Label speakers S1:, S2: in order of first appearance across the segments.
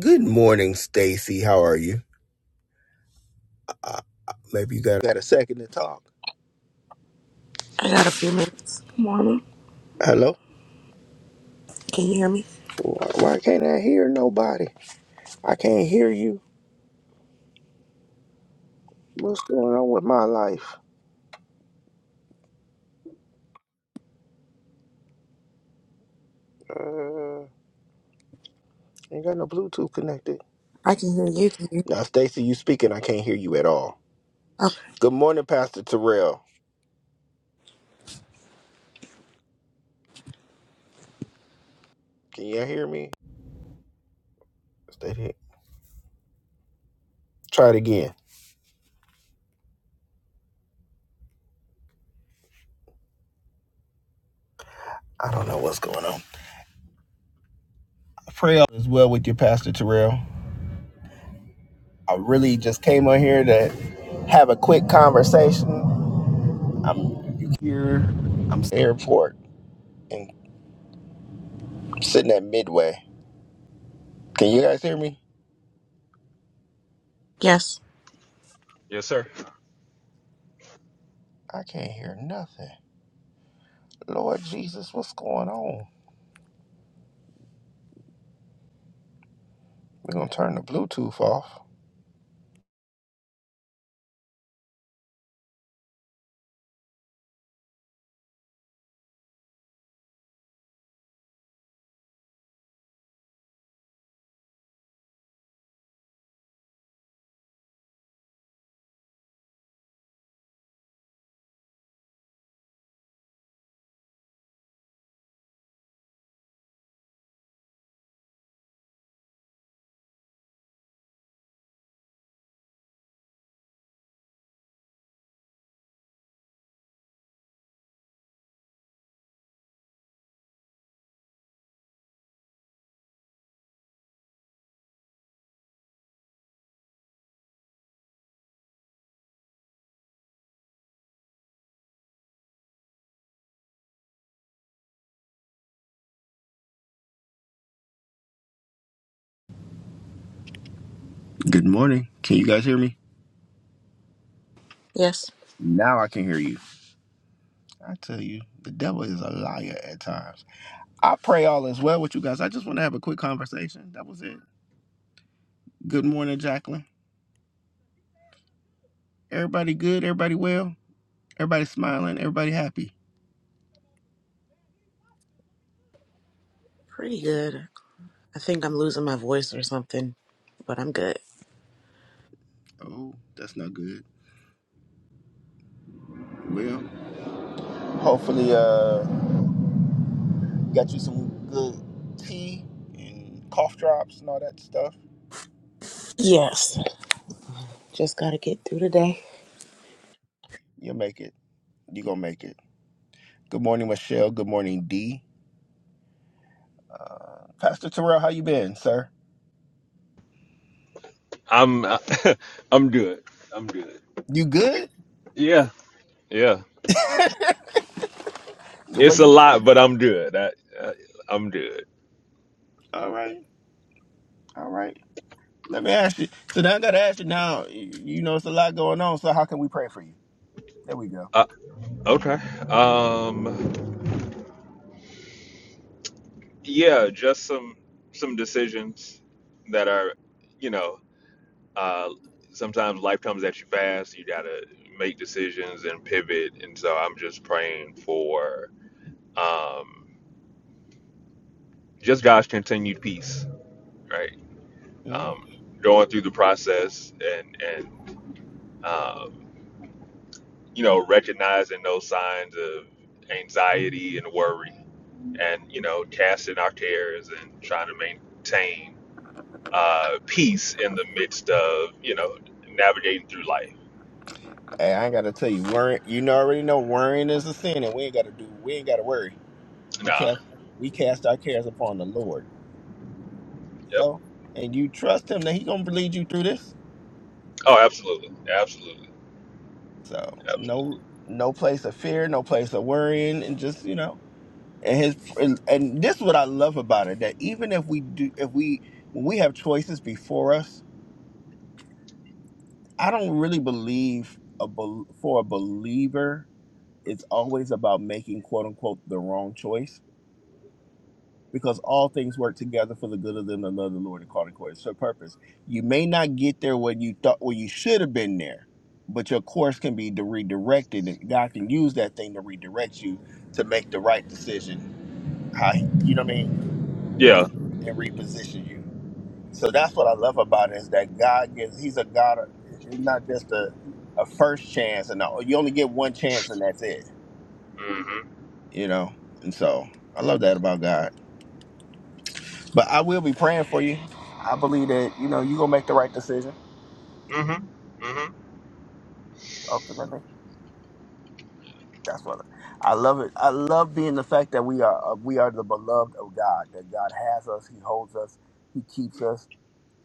S1: Good morning, Stacy. How are you? Uh, maybe you got, got a second to talk.
S2: I got a few minutes. Morning.
S1: Hello?
S2: Can you hear me?
S1: Uh, Why can't I hear nobody? I can't hear you. What's going on with my life? Uh, ain't got no Bluetooth connected.
S2: I can hear you. Can you?
S1: Now, Stacy, you speaking. I can't hear you at all.
S2: Oh,
S1: Good morning, Pastor Terrell. Can you hear me? Stay here. Try it again. I don't know what's going on. pray all is well with you, Pastor Terrell. I really just came on here to have a quick conversation. I'm here. I'm at the airport. and sitting at midway. Can you guys hear me?
S2: yes.
S3: Yes, sir.
S1: I can't hear nothing. Lord Jesus, what's going on? We're gonna turn the Bluetooth off. Good morning. Can you guys hear me?
S2: Yes.
S1: Now I can hear you. I tell you, the devil is a liar at times. I pray all is well with you guys. I just want to have a quick conversation. That was it. Good morning, Jacqueline. Everybody good? Everybody well? Everybody smiling? Everybody happy?
S2: Pretty good. I think I'm losing my voice or something, but I'm good.
S1: Oh, that's not good. Well, hopefully, uh, Got you some good tea and cough drops and all that stuff.
S2: Yes. Just got to get through the day.
S1: You'll make it. You gonna make it. Good morning, Michelle. Good morning, D. Uh, Pastor Terrell, how you been, sir?
S3: I'm I'm good. I'm good.
S1: You good?
S3: Yeah, yeah.
S1: the way
S3: It's a
S1: you.
S3: lot, but I'm good. I, I I'm good.
S1: All right. All right. Let me ask you. So now I gotta ask you. Now you you know it's a lot going on. So how can we pray for you? There we go.
S3: Uh, okay. Um. Yeah, just some some decisions that are, you know, uh, sometimes life comes at you fast. You gotta make decisions and pivot, and so I'm just praying for um just God's continued peace, right?
S1: Mhm.
S3: Um, going through the process and and. um. you know, recognizing those signs of anxiety and worry and, you know, casting our cares and trying to maintain uh, peace in the midst of, you know, navigating through life.
S1: Hey, I ain't gotta tell you. Worry. You know already know worrying is a sin, and we ain't gotta do. We ain't gotta worry. We
S3: Nah.
S1: cast. We cast our cares upon the Lord.
S3: Yep.
S1: So, and you trust him that he gonna lead you through this.
S3: Oh, absolutely. Absolutely.
S1: So,
S3: Absolutely.
S1: no, no place of fear, no place of worrying, and just you know, and his and, and this is what I love about it that even if we do, if we when we have choices before us, I don't really believe a bel for a believer it's always about making quote unquote the wrong choice because all things work together for the good of them that love the Lord and called according to His purpose. You may not get there when you thought where you should have been there, but your course can be redirected, and God can use that thing to redirect you to make the right decision. How he- you know what I mean,
S3: Yeah.
S1: and, and reposition you. So that's what I love about it is that God gives. He's a God. of- It's not just a a first chance, and all. you only get one chance, and that's it.
S3: Mm-hmm.
S1: You know, and so I love that about God. But I will be praying for you. I believe that you know you're gonna make the right decision.
S3: Mm-hmm. Mm-hmm.
S1: Ultimately, that's what I love. It. I love being the fact that we are uh, we are the beloved of God. That God has us. He holds us. He keeps us.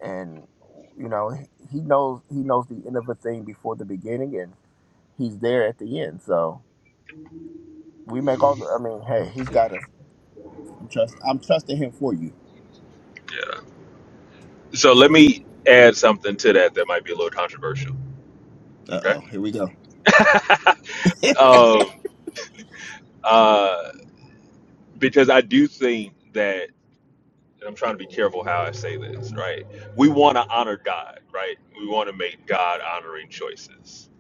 S1: And you know He He knows He knows the end of a thing before the beginning, and He's there at the end. So we make all the. I mean, hey, He's got us. I'm trust. I'm trusting Him for you.
S3: So let
S1: So,
S3: me add something to that that might be a little controversial.
S1: uh
S3: Okay.
S1: oh, here we go.
S3: um, uh, because I do think that and I'm trying to be careful how I say this, right? We want to honor God, right? We want to make God honoring choices.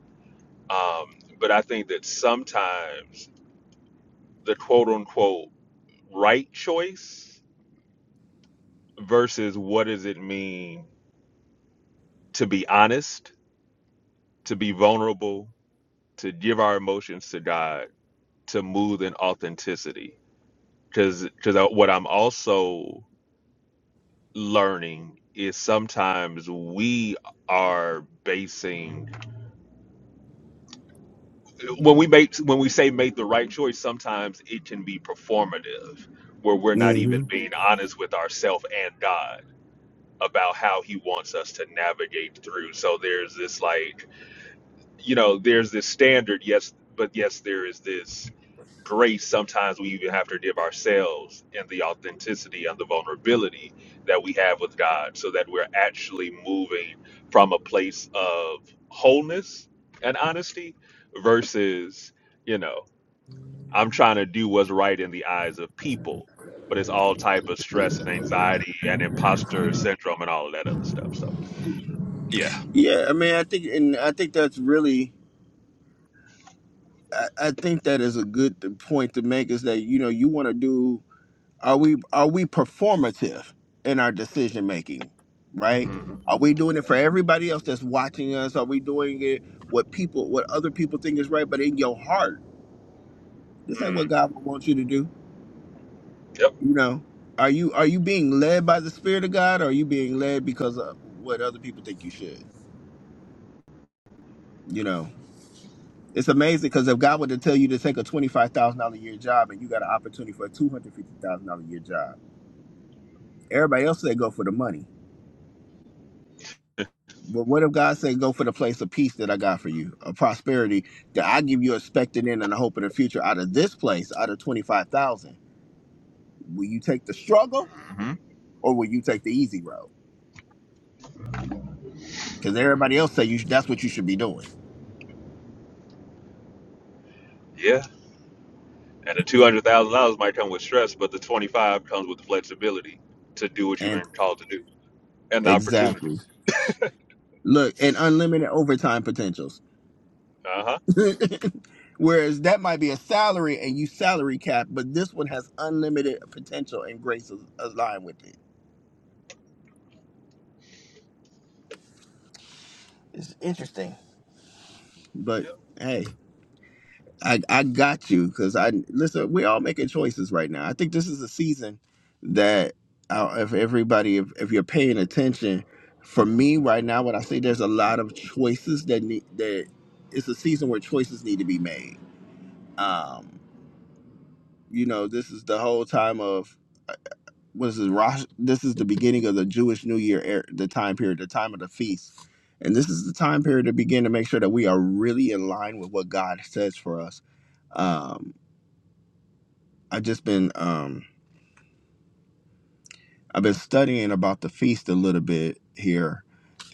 S3: Um, but I think that sometimes the quote unquote right choice versus what does it mean to be honest, to be vulnerable, to give our emotions to God, to move in authenticity. Because because what I'm also learning is sometimes we are basing when we make when we say make the right choice, sometimes it can be performative, where we're not even
S1: hmm
S3: being honest with ourselves and God about how He wants us to navigate through. So there's this like, you know, there's this standard, yes, but yes, there is this grace. Sometimes we even have to give ourselves and the authenticity and the vulnerability that we have with God, so that we're actually moving from a place of wholeness and honesty versus you know I'm trying to do what's right in the eyes of people, but it's all type of stress and anxiety and imposter syndrome and all of that other stuff. So yeah,
S1: Yeah, I mean, I think, and I think that's really I, I think that is a good point to make is that you know you want to do are we are we performative in our decision making right
S3: hmm
S1: are we doing it for everybody else that's watching us are we doing it what people what other people think is right but in your heart this ain't what
S3: mm
S1: god would want you to do
S3: yep,
S1: you know are you are you being led by the spirit of god or are you being led because of what other people think you should you know It's amazing because if God were to tell you to take a twenty-five thousand dollar a year job and you got an opportunity for a two hundred fifty thousand dollar a year job, everybody else say go for the money. But what if God said go for the place of peace that I got for you, a prosperity that I give you expecting in and a hope in the future out of this place, out of twenty-five thousand? Will you take the struggle
S3: hmm
S1: or will you take the easy road? Because everybody else say you sh- that's what you should be doing.
S3: yeah. And the two hundred thousand dollars might come with stress, but the twenty five comes with the flexibility to do what you've
S1: And
S3: been called to do and the opportunity.
S1: exactly. Look, and unlimited overtime potentials.
S3: Uh huh.
S1: Whereas that might be a salary and you salary cap, but this one has unlimited potential and grace is aligned with it. It's interesting, but
S3: Yeah.
S1: hey, I I got you because I listen. We're all making choices right now. I think this is a season that uh, if everybody, if, if you're paying attention, for me right now, what I say there's a lot of choices that need that. It's a season where choices need to be made. Um, you know, this is the whole time of. what is this? Rosh, this is the beginning of the Jewish New Year, era, the time period, the time of the feast, and this is the time period to begin to make sure that we are really in line with what God says for us. Um, I just been um, I've been studying about the feast a little bit here,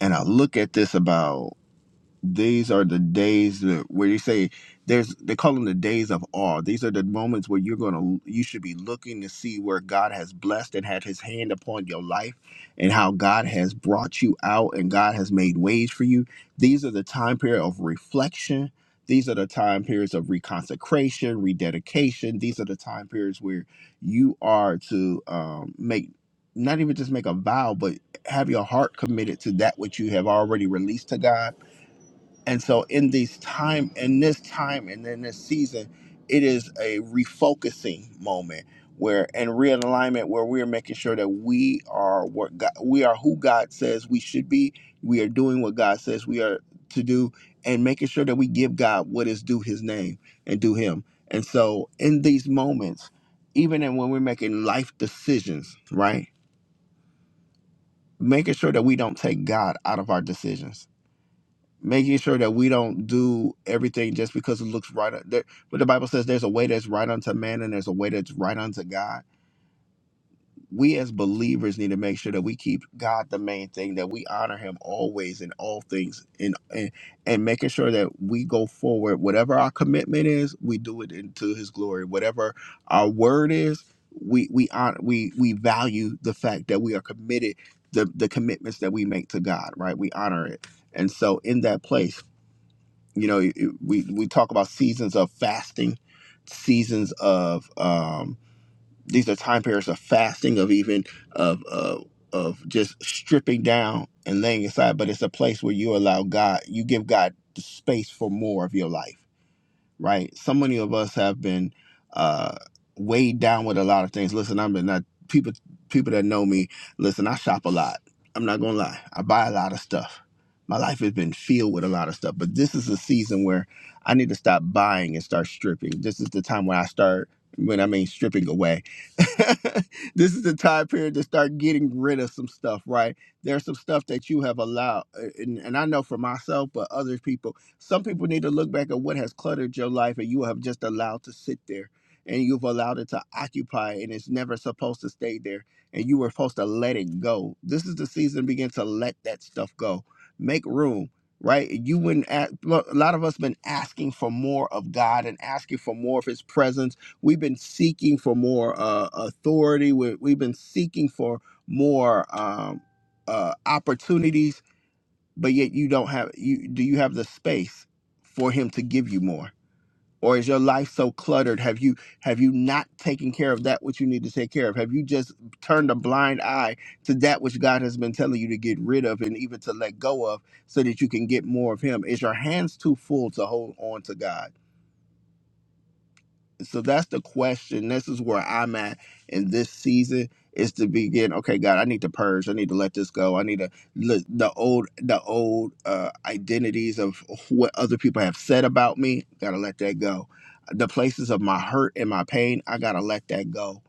S1: and I look at this about. these are the days that, where you say there's they call them the days of awe these are the moments where you're going to you should be looking to see where god has blessed and had his hand upon your life and how god has brought you out and god has made ways for you these are the time period of reflection these are the time periods of reconsecration rededication these are the time periods where you are to um, make not even just make a vow but have your heart committed to that which you have already released to god and so in these time in this time and in this season, it is a refocusing moment where and realignment where we're making sure that we are what God, we are who God says we should be. We are doing what God says we are to do and making sure that we give God what is due his name and do him. And so in these moments, even in when we're making life decisions, right? Making sure that we don't take God out of our decisions making sure that we don't do everything just because it looks right. uh, There, but the Bible says there's a way that's right unto man and there's a way that's right unto God. We as believers need to make sure that we keep God the main thing, that we honor Him always in all things, and and, and making sure that we go forward. Whatever our commitment is, we do it into His glory. Whatever our word is, we we honor, we we value the fact that we are committed. The, the commitments that we make to God, right? We honor it. And so in that place, you know it- we we talk about seasons of fasting seasons of um these are time periods of fasting of even of of of just stripping down and laying aside but it's a place where you allow god you give god the space for more of your life right? So many of us have been uh, weighed down with a lot of things. Listen, i am not people people that know me. Listen, I shop a lot. I'm not gonna lie. I buy a lot of stuff. My life has been filled with a lot of stuff, but this is a season where I need to stop buying and start stripping. This is the time when I start when I mean stripping away. this is the time period to start getting rid of some stuff, right? There's some stuff that you have allowed, uh, and, and I know for myself, but other people some people need to look back at what has cluttered your life and you have just allowed to sit there and you've allowed it to occupy and it's never supposed to stay there and you were supposed to let it go. This is the season to begin to let that stuff go. Make room, right? You wouldn't ask, a lot of us been asking for more of God and asking for more of his presence. We've been seeking for more uh, authority. We, we've been seeking for more um, uh, opportunities but yet you don't have you do you have the space for him to give you more or is your life so cluttered have you have you not taken care of that which you need to take care of have you just turned a blind eye to that which god has been telling you to get rid of and even to let go of so that you can get more of him is your hands too full to hold on to god so that's the question. This is where I'm at in this season is to begin. Okay, God, I need to purge. I need to let this go. I need to let the old the old uh, identities of what other people have said about me. Gotta let that go. The places of my hurt and my pain, I gotta let that go.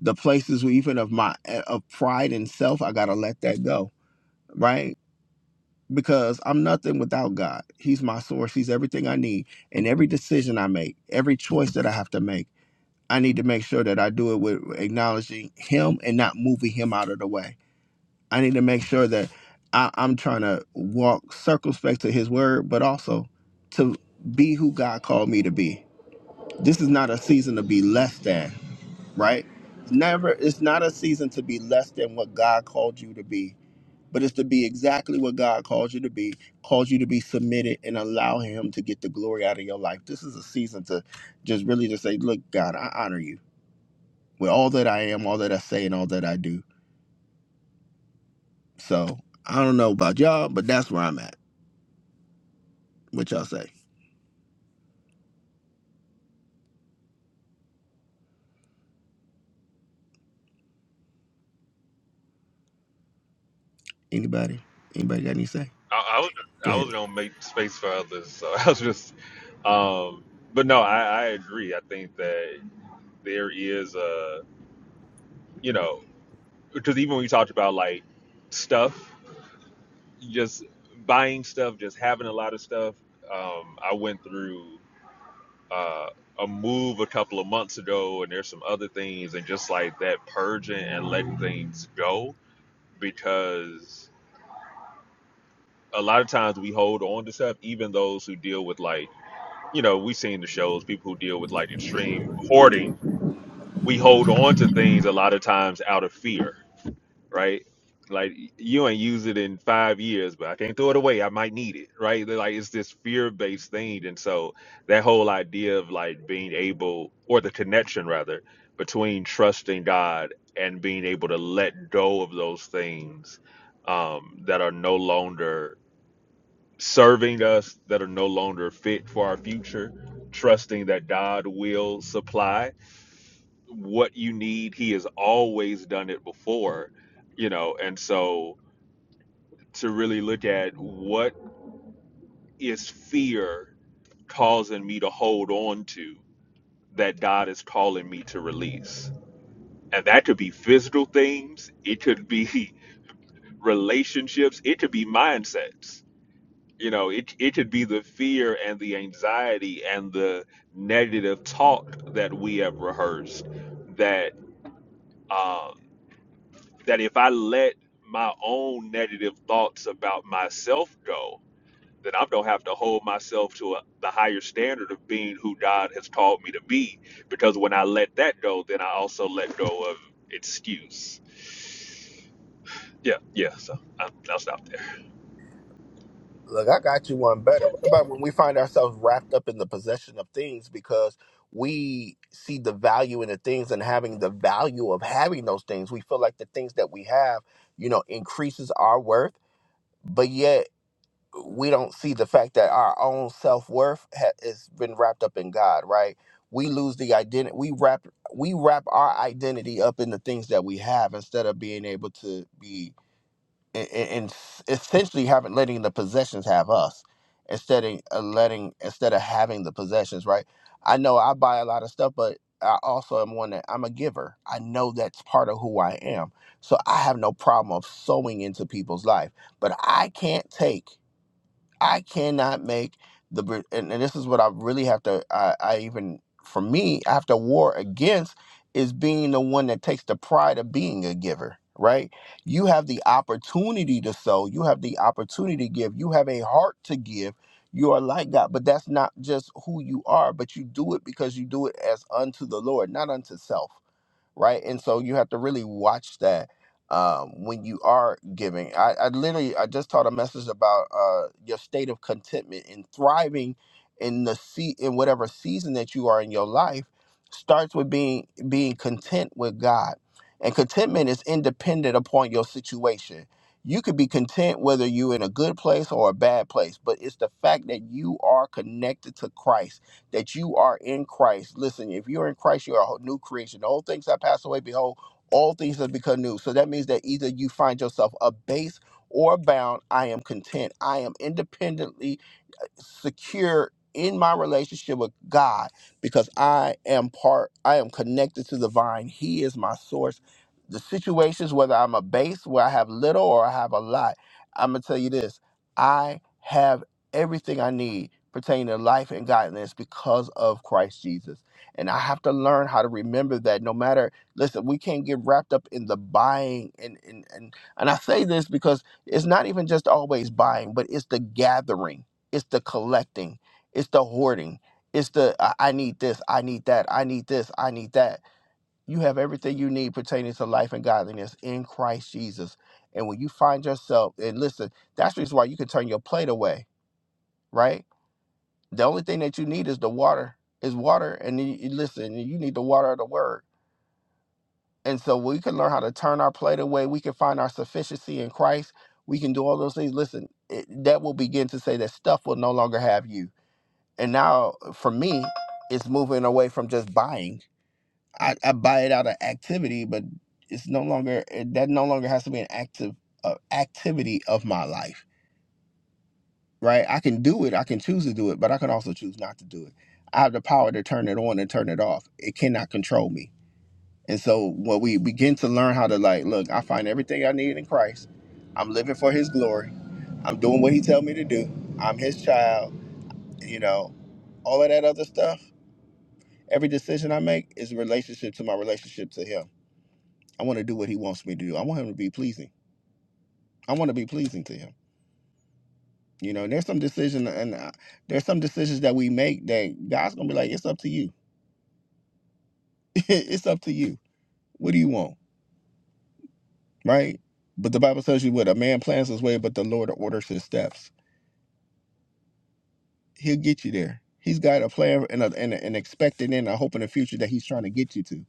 S1: The places even of my eh, of pride and self, I gotta let that go. Right. Because I'm nothing without God. He's my source. He's everything I need. And every decision I make, every choice that I have to make I need to make sure that I do it with acknowledging him and not moving him out of the way. I need to make sure that I, I'm trying to walk circumspect to his word, but also to be who God called me to be. This is not a season to be less than, right? Never, it's not a season to be less than what God called you to be, but it's to be exactly what God called you to be, called you to be submitted and allow him to get the glory out of your life. This is a season to just really just say, look, God, I honor you with all that I am, all that I say, and all that I do. So I don't know about y'all, but that's where I'm at. What y'all say? Anybody? Anybody got any say?
S3: I, I was
S1: Go
S3: I
S1: ahead.
S3: was gonna make space for others, so I was just. Um, but no, I, I agree. I think that there is a you know because even when you talked about like stuff, just buying stuff, just having a lot of stuff, um, I went through uh, a move a couple of months ago, and there's some other things, and just like that purging and letting things go, because a lot of times we hold on to stuff, even those who deal with like, you know, we've seen the shows, people who deal with like extreme hoarding, we hold on to things a lot of times out of fear right? Like you ain't use it in five years, but I can't throw it away. I might need it, right? They're Like it's this fear-based thing, and so that whole idea of like being able, or the connection rather, between trusting God and being able to let go of those things um, that are no longer serving us, that are no longer fit for our future, trusting that God will supply what you need. He has always done it before, you know, and so to really look at what is fear causing me to hold on to that God is calling me to release. And that could be physical things, it could be relationships, it could be mindsets. You know, it it could be the fear and the anxiety and the negative talk that we have rehearsed that um that if I let my own negative thoughts about myself go, then I'm gonna have to hold myself to a, the higher standard of being who God has called me to be. Because when I let that go, then I also let go of excuse. Yeah, yeah. So I, I'll stop there.
S1: Look, I got you one better. What about when we find ourselves wrapped up in the possession of things because we see the value in the things and having the value of having those things? We feel like the things that we have, you know, increases our worth, but yet we don't see the fact that our own self worth ha- has been wrapped up in God, right? We lose the identity. We wrap we wrap our identity up in the things that we have instead of being able to be and, and essentially having letting the possessions have us instead of uh, letting instead of having the possessions, right? I know I buy a lot of stuff, but I also am one that I'm a giver. I know that's part of who I am, so I have no problem of sowing into people's life, but I can't take. I cannot make the Bra- and, and this is what I really have to I, I even for me I have to war against is being the one that takes the pride of being a giver, right? You have the opportunity to sow, you have the opportunity to give, you have a heart to give. You are like God, but that's not just who you are, but you do it because you do it as unto the Lord, not unto self right? And so you have to really watch that um, when you are giving. I, I literally I just taught a message about uh, your state of contentment and thriving in the sea in whatever season that you are in your life starts with being being content with God. And contentment is independent upon your situation. You could be content whether you're in a good place or a bad place, but it's the fact that you are connected to Christ that you are in Christ. Listen, if you're in Christ, you're a new creation. The whole things that pass away, behold, all things have become new. So that means that either you find yourself abased or bound. I am content. I am independently secure in my relationship with God because I am part, I am connected to the vine. He is my source. The situations, whether I'm a base where I have little or I have a lot, I'm going to tell you this I have everything I need pertaining to life and godliness because of Christ Jesus. And I have to learn how to remember that no matter, listen, we can't get wrapped up in the buying. And, and, and, and I say this because it's not even just always buying, but it's the gathering it's the collecting. It's the hoarding. It's the I, I need this. I need that. I need this. I need that. You have everything you need pertaining to life and godliness in Christ Jesus. And when you find yourself, and listen, that's the reason why you can turn your plate away, right? The only thing that you need is the water, is water. And you, you- listen, you need the water of the word. And so we can learn how to turn our plate away. We can find our sufficiency in Christ. We can do all those things. Listen, it, that will begin to say that stuff will no longer have you And now for me, it's moving away from just buying. I, I buy it out of activity, but it's no longer it- that no longer has to be an active uh, activity of my life, right? I can do it, I can choose to do it, but I can also choose not to do it. I have the power to turn it on and turn it off. It cannot control me. And so when we begin to learn how to like, look, I find everything I need in Christ. I'm living for his glory. I'm doing what he tell me to do. I'm his child, you know, all of that other stuff Every decision I make is a relationship to my relationship to him. I want to do what he wants me to do. I want him to be pleasing. I want to be pleasing to him. You know, there's some decision and uh, there's some decisions that we make that God's gonna be like, it's up to you. it's up to you. What do you want, right? But the Bible tells you what a man plans his way, but the Lord orders his steps. He'll get you there. He's got a plan and, a, and, a, and expecting and a hope in the future that he's trying to get you to.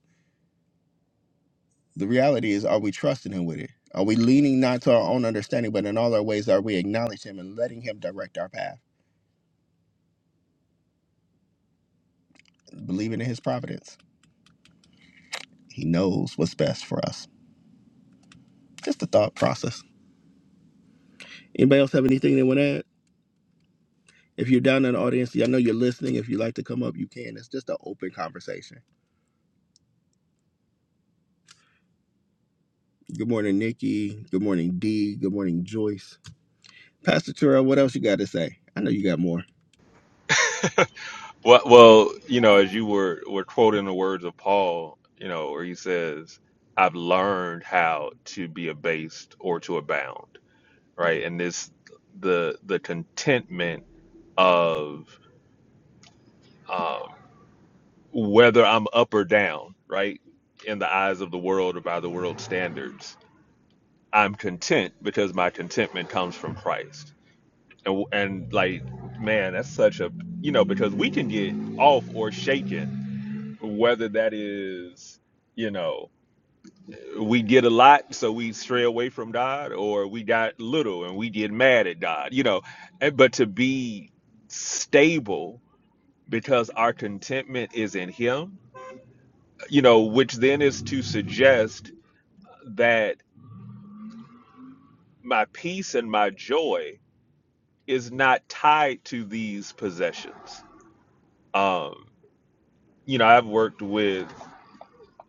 S1: The reality is, are we trusting him with it? Are we leaning not to our own understanding, but in all our ways, are we acknowledging him and letting him direct our path? Believing in his providence. He knows what's best for us. Just the thought process. Anybody else have anything they want to add? If you're down in the audience, I know you're listening. If you'd like to come up, you can. It's just an open conversation. Good morning, Nikki. Good morning, Dee. Good morning, Joyce. Pastor Terrell, what else you got to say? I know you got more.
S3: Well, well, you know, as you were were quoting the words of Paul, you know, where he says, "I've learned how to be abased or to abound," right? And this the the contentment of um, whether I'm up or down, right? In the eyes of the world or by the world standards, I'm content because my contentment comes from Christ. And, and like, man, that's such a, you know, because we can get off or shaken, whether that is, you know, we get a lot, so we stray away from God, or we got little and we get mad at God, you know. And, but to be stable because our contentment is in Him you know, which then is to suggest that my peace and my joy is not tied to these possessions. Um, you know, I've worked with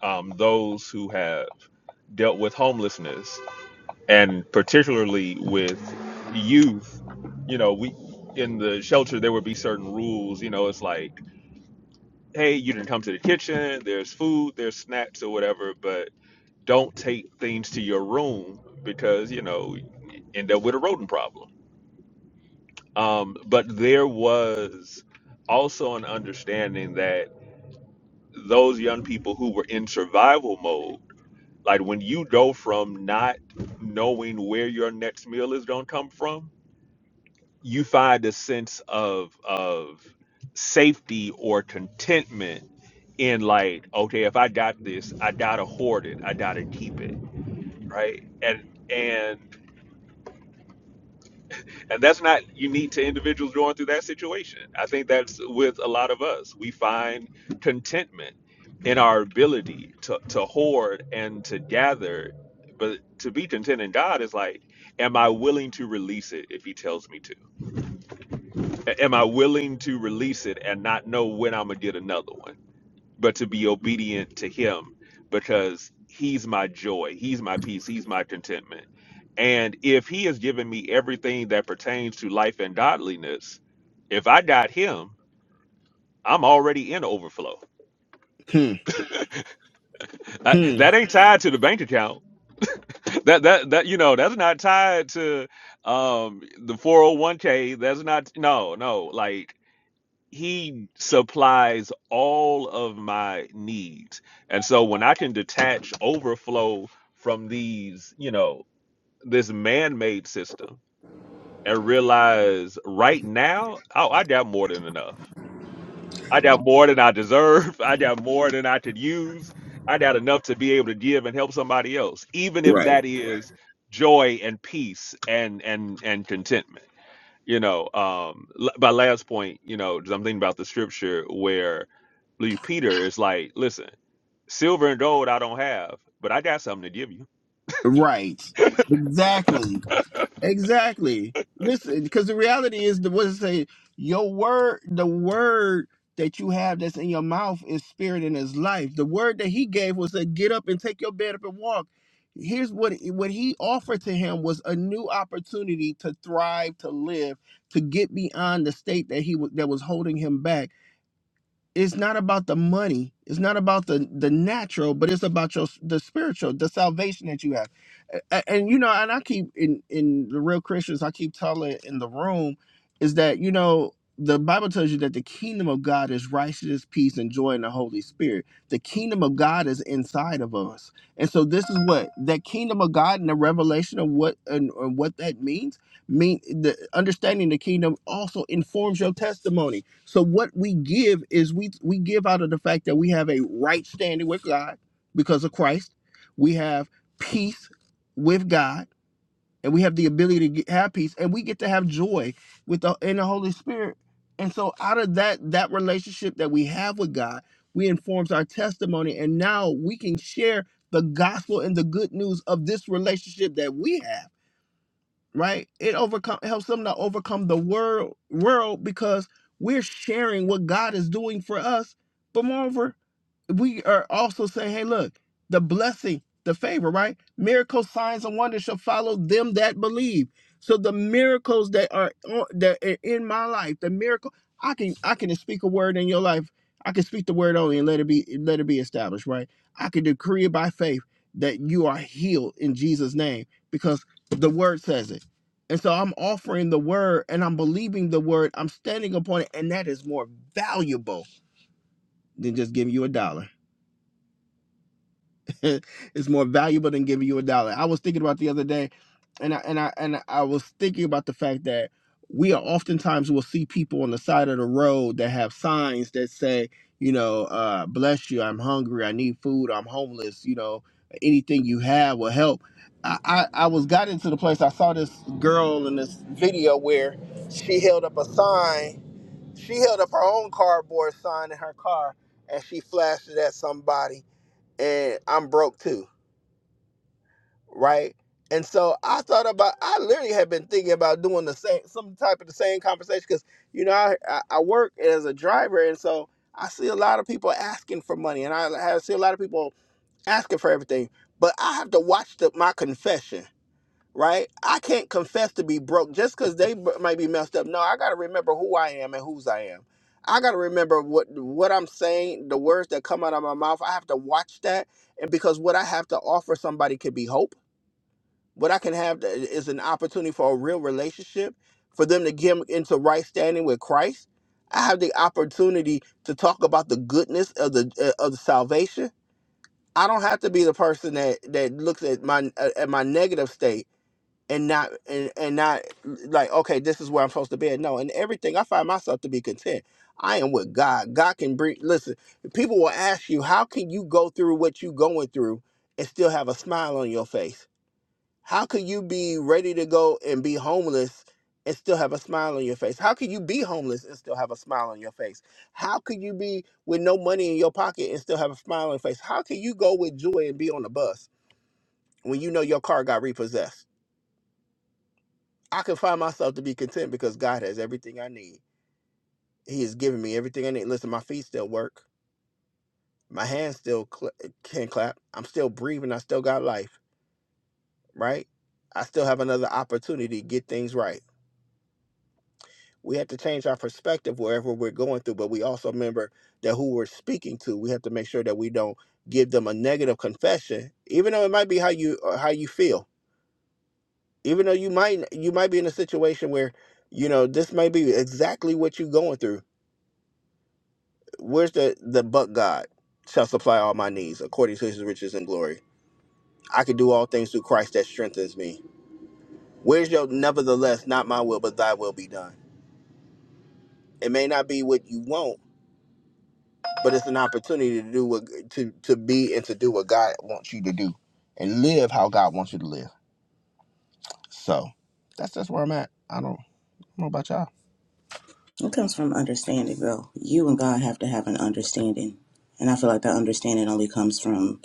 S3: um, those who have dealt with homelessness and particularly with youth. You know, we in the shelter, there would be certain rules. You know, it's like, hey, you didn't come to the kitchen, there's food, there's snacks or whatever, but don't take things to your room because, you know, end up with a rodent problem. Um, but there was also an understanding that those young people who were in survival mode, like when you go from not knowing where your next meal is going to come from, you find a sense of of safety or contentment in like, okay, if I got this, I gotta hoard it, I gotta keep it, right? And and And that's not unique to individuals going through that situation. I think that's with a lot of us. We find contentment in our ability to, to hoard and to gather. But to be content in God is like, am I willing to release it if He tells me to? A- Am I willing to release it and not know when I'm going to get another one? but to be obedient to him because he's my joy, he's my peace, he's my contentment. And if he has given me everything that pertains to life and godliness, if I got him, I'm already in overflow.
S1: Hmm.
S3: That,
S1: Hmm.
S3: that ain't tied to the bank account. That that that you know, that's not tied to um the 401k. That's not no, no. Like he supplies all of my needs. And so when I can detach overflow from these, you know, this man-made system and realize right now, oh, I got more than enough. I got more than I deserve. I got more than I could use. I got enough to be able to give and help somebody else, even if
S1: Right.
S3: that is joy and peace and and and contentment you know um l- my last point you know 'cause i'm thinking about the scripture where Lee peter is like listen silver and gold i don't have but i got something to give you
S1: Right. Exactly. Exactly. Listen, because the reality is the what does it say, your word, the word that you have that's in your mouth is spirit and is life. The word that he gave was to get up and take your bed up and walk. Here's what what he offered to him was a new opportunity to thrive, to live, to get beyond the state that he was that was holding him back it's not about the money it's not about the the natural but it's about your s- the spiritual the salvation that you have A- a- and, you know and i keep in in the real christians i keep telling in the room is that you know the bible tells you that the kingdom of god is righteousness peace and joy in the holy spirit the kingdom of god is inside of us and so this is what that kingdom of god and the revelation of what and, and what that means mean the understanding the kingdom also informs your testimony so what we give is we we give out of the fact that we have a right standing with God because of Christ. We have peace with God, and we have the ability to get, have peace, and we get to have joy with the in the Holy Spirit. And so out of that that relationship that we have with God, we informs our testimony, and now we can share the gospel and the good news of this relationship that we have right? It overcome it helps them to overcome the world world because we're sharing what God is doing for us. But moreover, we are also saying, hey, look, the blessing, the favor, right? Miracles, signs, and wonders shall follow them that believe. So the miracles that are on- that are in my life, the miracle, I can I can speak a word in your life. I can speak the word only and let it be let it be established, right? I can decree it by faith that you are healed in Jesus' name because the word says it. And so I'm offering the word and I'm believing the word. I'm standing upon it, and that is more valuable than just giving you a dollar. it's more valuable than giving you a dollar. I was thinking about the other day, and I and I and I was thinking about the fact that we are oftentimes will see people on the side of the road that have signs that say, you know, uh, bless you, I'm hungry, I need food, I'm homeless, you know, anything you have will help. I, I, I was got into the place I saw this girl in this video where she held up a sign, she held up her own cardboard sign in her car and she flashed it at somebody and I'm broke too right? And so I thought about, I literally had been thinking about doing the same, some type of the same conversation because, you know, I, I I work as a driver. And so I see a lot of people asking for money and I, I see a lot of people asking for everything, but I have to watch the, my confession, right? I can't confess to be broke just because they b- might be messed up. No, I got to remember who I am and whose I am. I got to remember what, what I'm saying, the words that come out of my mouth. I have to watch that. And because what I have to offer somebody could be hope what I can have is an opportunity for a real relationship, for them to get into right standing with Christ. I have the opportunity to talk about the goodness of the uh, of the salvation. I don't have to be the person that that looks at my uh, at my negative state and not and, and not like okay, this is where I'm supposed to be. No, and everything I find myself to be content. I am with God. God can bring. Listen, people will ask you, how can you go through what you are going through and still have a smile on your face? How could you be ready to go and be homeless and still have a smile on your face? How could you be homeless and still have a smile on your face? How could you be with no money in your pocket and still have a smile on your face? How can you go with joy and be on the bus when you know your car got repossessed? I can find myself to be content because God has everything I need. He has given me everything I need. Listen, my feet still work. My hands still cl- can clap. I'm still breathing. I still got life, right? I still have another opportunity to get things right we have to change our perspective wherever we're going through but we also remember that who we're speaking to we have to make sure that we don't give them a negative confession even though it might be how you uh, how you feel even though you might you might be in a situation where you know this may be exactly what you're going through where's the the but god shall supply all my needs according to his riches and glory i can do all things through christ that strengthens me where's your nevertheless not my will but thy will be done it may not be what you want but it's an opportunity to do what to to be and to do what God wants you to do, and live how God wants you to live. So that's that's where I'm at. I don't, I don't know about y'all.
S2: It comes from understanding, though. You and God have to have an understanding. And I feel like that understanding only comes from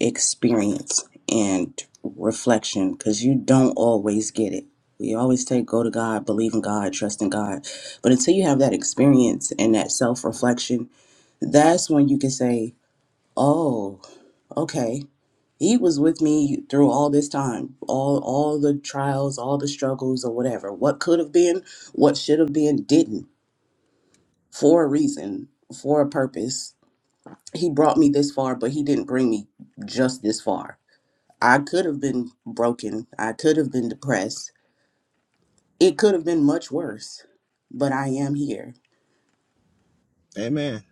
S2: experience and reflection because you don't always get it. We always say, go to God, believe in God, trust in God. But until you have that experience and that self reflection that's when you can say, "Oh, okay, he was with me through all this time, all all the trials, all the struggles, or whatever. What could have been, what should have been, didn't for a reason, for a purpose. He brought me this far, but he didn't bring me just this far. I could have been broken. I could have been depressed. It could have been much worse, but I am here.
S1: Amen.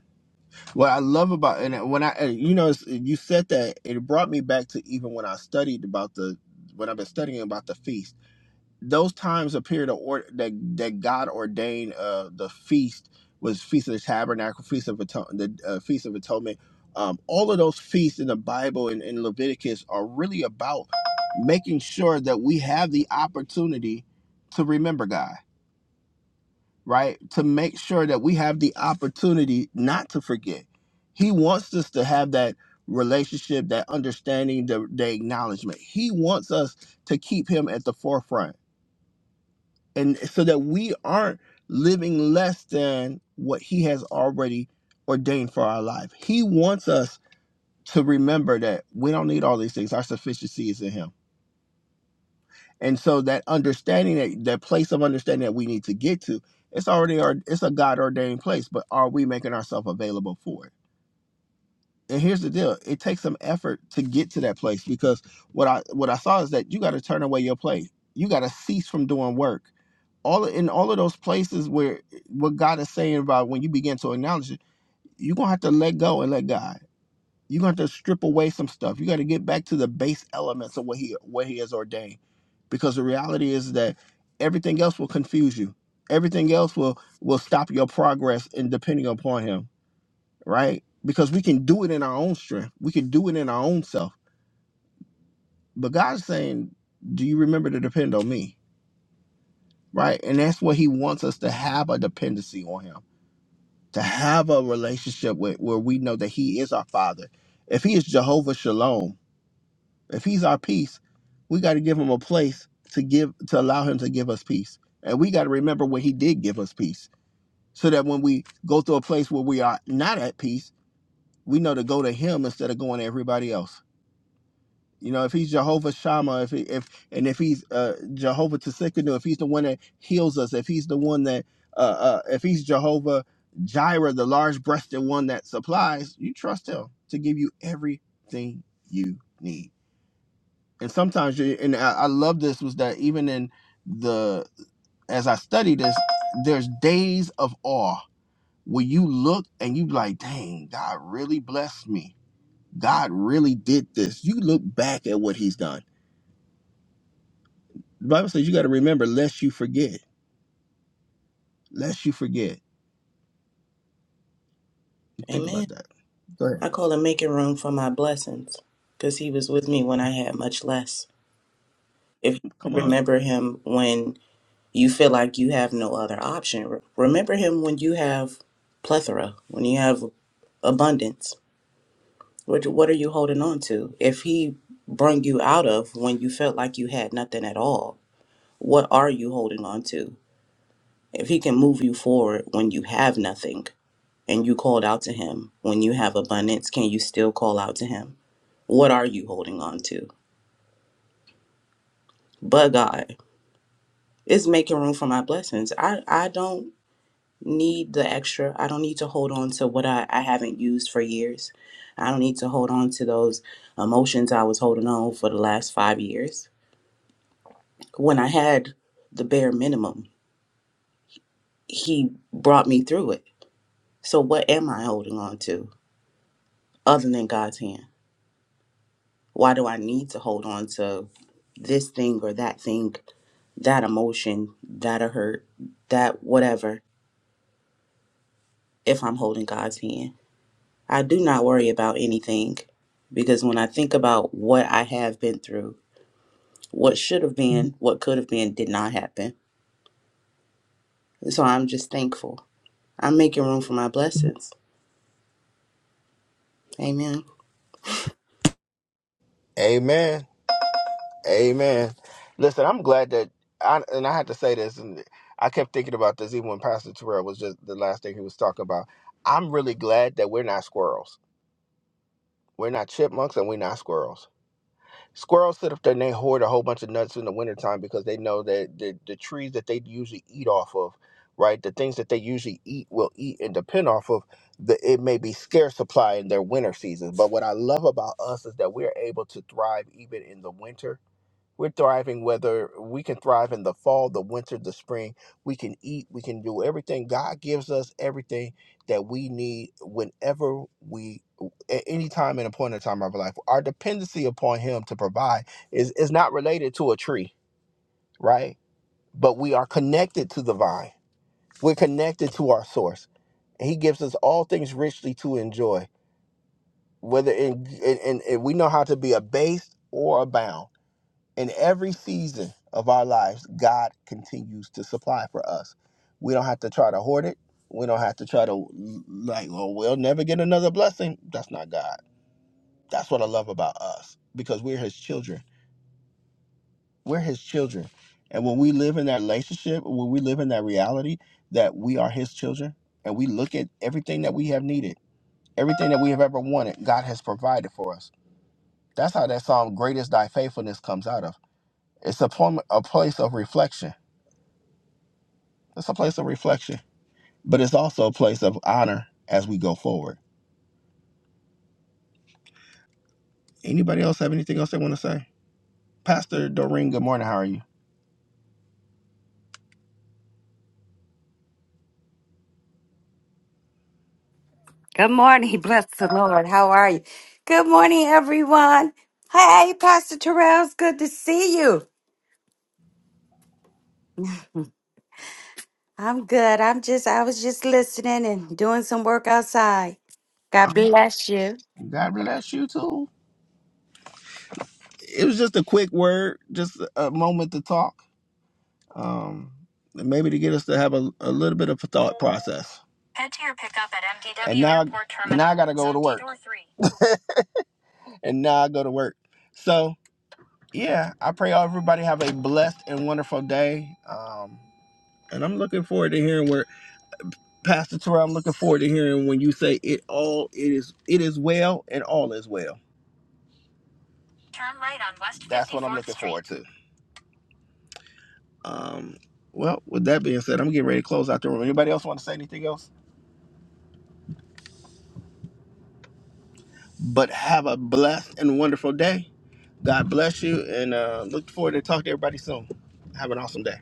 S1: What I love about and when I and you know it's- you said that it brought me back to even when I studied about the when I've been studying about the feast those times appear to order that that God ordained uh the feast was feast of the tabernacle, feast of atonement, the uh, feast of atonement. Um, all of those feasts in the Bible and in Leviticus are really about making sure that we have the opportunity to remember God, right? To make sure that we have the opportunity not to forget. He wants us to have that relationship, that understanding, the, the acknowledgement. He wants us to keep Him at the forefront and so that we aren't living less than what he has already ordained for our life. He wants us to remember that we don't need all these things. Our sufficiency is in him. And so that understanding that that place of understanding that we need to get to, it's already our, it's a God ordained place, but are we making ourselves available for it? and here's the deal it takes some effort to get to that place because what i what i saw is that you got to turn away your play you got to cease from doing work all in all of those places where eh, what god is saying about when you begin to acknowledge it you're gonna have to let go and let god you're gonna have to strip away some stuff you got to get back to the base elements of what he what he has ordained because the reality is that everything else will confuse you everything else will will stop your progress in depending upon him right? Because we can do it in our own strength. We can do it in our own self. But God's saying, Do you remember to depend on me? Right? And that's what He wants us to have a dependency on Him, to have a relationship with where we know that He is our Father. If He is Jehovah Shalom, if He's our peace, we got to give Him a place to give to allow Him to give us peace. And we got to remember when He did give us peace. So that when we go through a place where we are not at peace, we know to go to Him instead of going to everybody else You know, if he's Jehovah Shammah, if he, if and if he's uh, Jehovah Tsikanu, if he's the one that heals us, if he's the one that, uh, uh, if he's Jehovah Jireh, the large-breasted one that supplies, you trust him to give you everything you need. And sometimes, you, and I, I love this was that even in the as I study this, there's days of awe where you look and you like, dang, God really blessed me. God really did this. You look back at what he's done The Bible says you got to remember lest you forget. Lest you forget. You Think
S2: Amen.
S1: about that. Go ahead.
S2: I call it making room for my blessings because he was with me when I had much less. If you
S1: Come on.
S2: remember him when you feel like you have no other option, re- remember him when you have plethora, when you have abundance. What, what are you holding on to? If he brung you out of when you felt like you had nothing at all, what are you holding on to? If he can move you forward when you have nothing and you called out to him when you have abundance, can you still call out to him? What are you holding on to? But God, is making room for my blessings. I, I don't need the extra. I don't need to hold on to what I, I haven't used for years. I don't need to hold on to those emotions I was holding on for the last five years. When I had the bare minimum, He brought me through it. So, what am I holding on to other than God's hand? Why do I need to hold on to this thing or that thing, that emotion, that a hurt, that whatever, if I'm holding God's hand? I do not worry about anything because when I think about what I have been through, what should have been, what could have been, did not happen. So I'm just thankful. I'm making room for my blessings. Amen.
S1: Amen. Amen. Listen, I'm glad that I and I had to say this, and I kept thinking about this even when Pastor Terrell was just the last thing he was talking about. I'm really glad that we're not squirrels. We're not chipmunks and we're not squirrels. Squirrels sit up there and they hoard a whole bunch of nuts in the wintertime because they know that the, the trees that they usually eat off of, right? The things that they usually eat will eat and depend off of. The, it may be scarce supply in their winter seasons. But what I love about us is that we're able to thrive even in the winter we're thriving whether we can thrive in the fall, the winter, the spring. We can eat, we can do everything. God gives us everything that we need whenever we, at any time and a point in time of our life. Our dependency upon Him to provide is, is not related to a tree, right? But we are connected to the vine, we're connected to our source. He gives us all things richly to enjoy, whether in, in, in, in we know how to be abased or abound in every season of our lives, God continues to supply for us. We don't have to try to hoard it. We don't have to try to like, oh, we'll never get another blessing. That's not God. That's what I love about us because we're His children. We're His children, and when we live in that relationship, when we live in that reality that we are His children, and we look at everything that we have needed, everything that we have ever wanted, God has provided for us. That's how that song "Greatest Thy Faithfulness" comes out of. It's a, pom- a place of reflection That's a place of reflection, but it's also a place of honor as we go forward. Anybody else have anything else they want to say? Pastor Doreen, good morning. How are you?
S4: Good morning. Bless the Lord. How are you? Good morning, everyone. Hey, Pastor Terrell. It's good to see you. I'm good. I'm just, I was just listening and doing some work outside.
S1: Oh,
S4: God bless you.
S1: God bless you too. It was just a quick word, just a moment to talk, um, and maybe to get us to have a, a little bit of a thought process. Head to your pickup at MDW and now, Airport Terminal. Now I gotta go to work. Zone 3. and now I go to work. So yeah, I pray everybody have a blessed and wonderful day. Um, and I'm looking forward to hearing where Pastor Terrell, I'm looking forward to hearing when you say it all it is it is well and all is well. Turn right on West. That's what I'm looking Street. forward to. Um well, with that being said, I'm getting ready to close out the room. Anybody else want to say anything else? But have a blessed and wonderful day. God bless you and uh look forward to talking to everybody soon. Have an awesome day.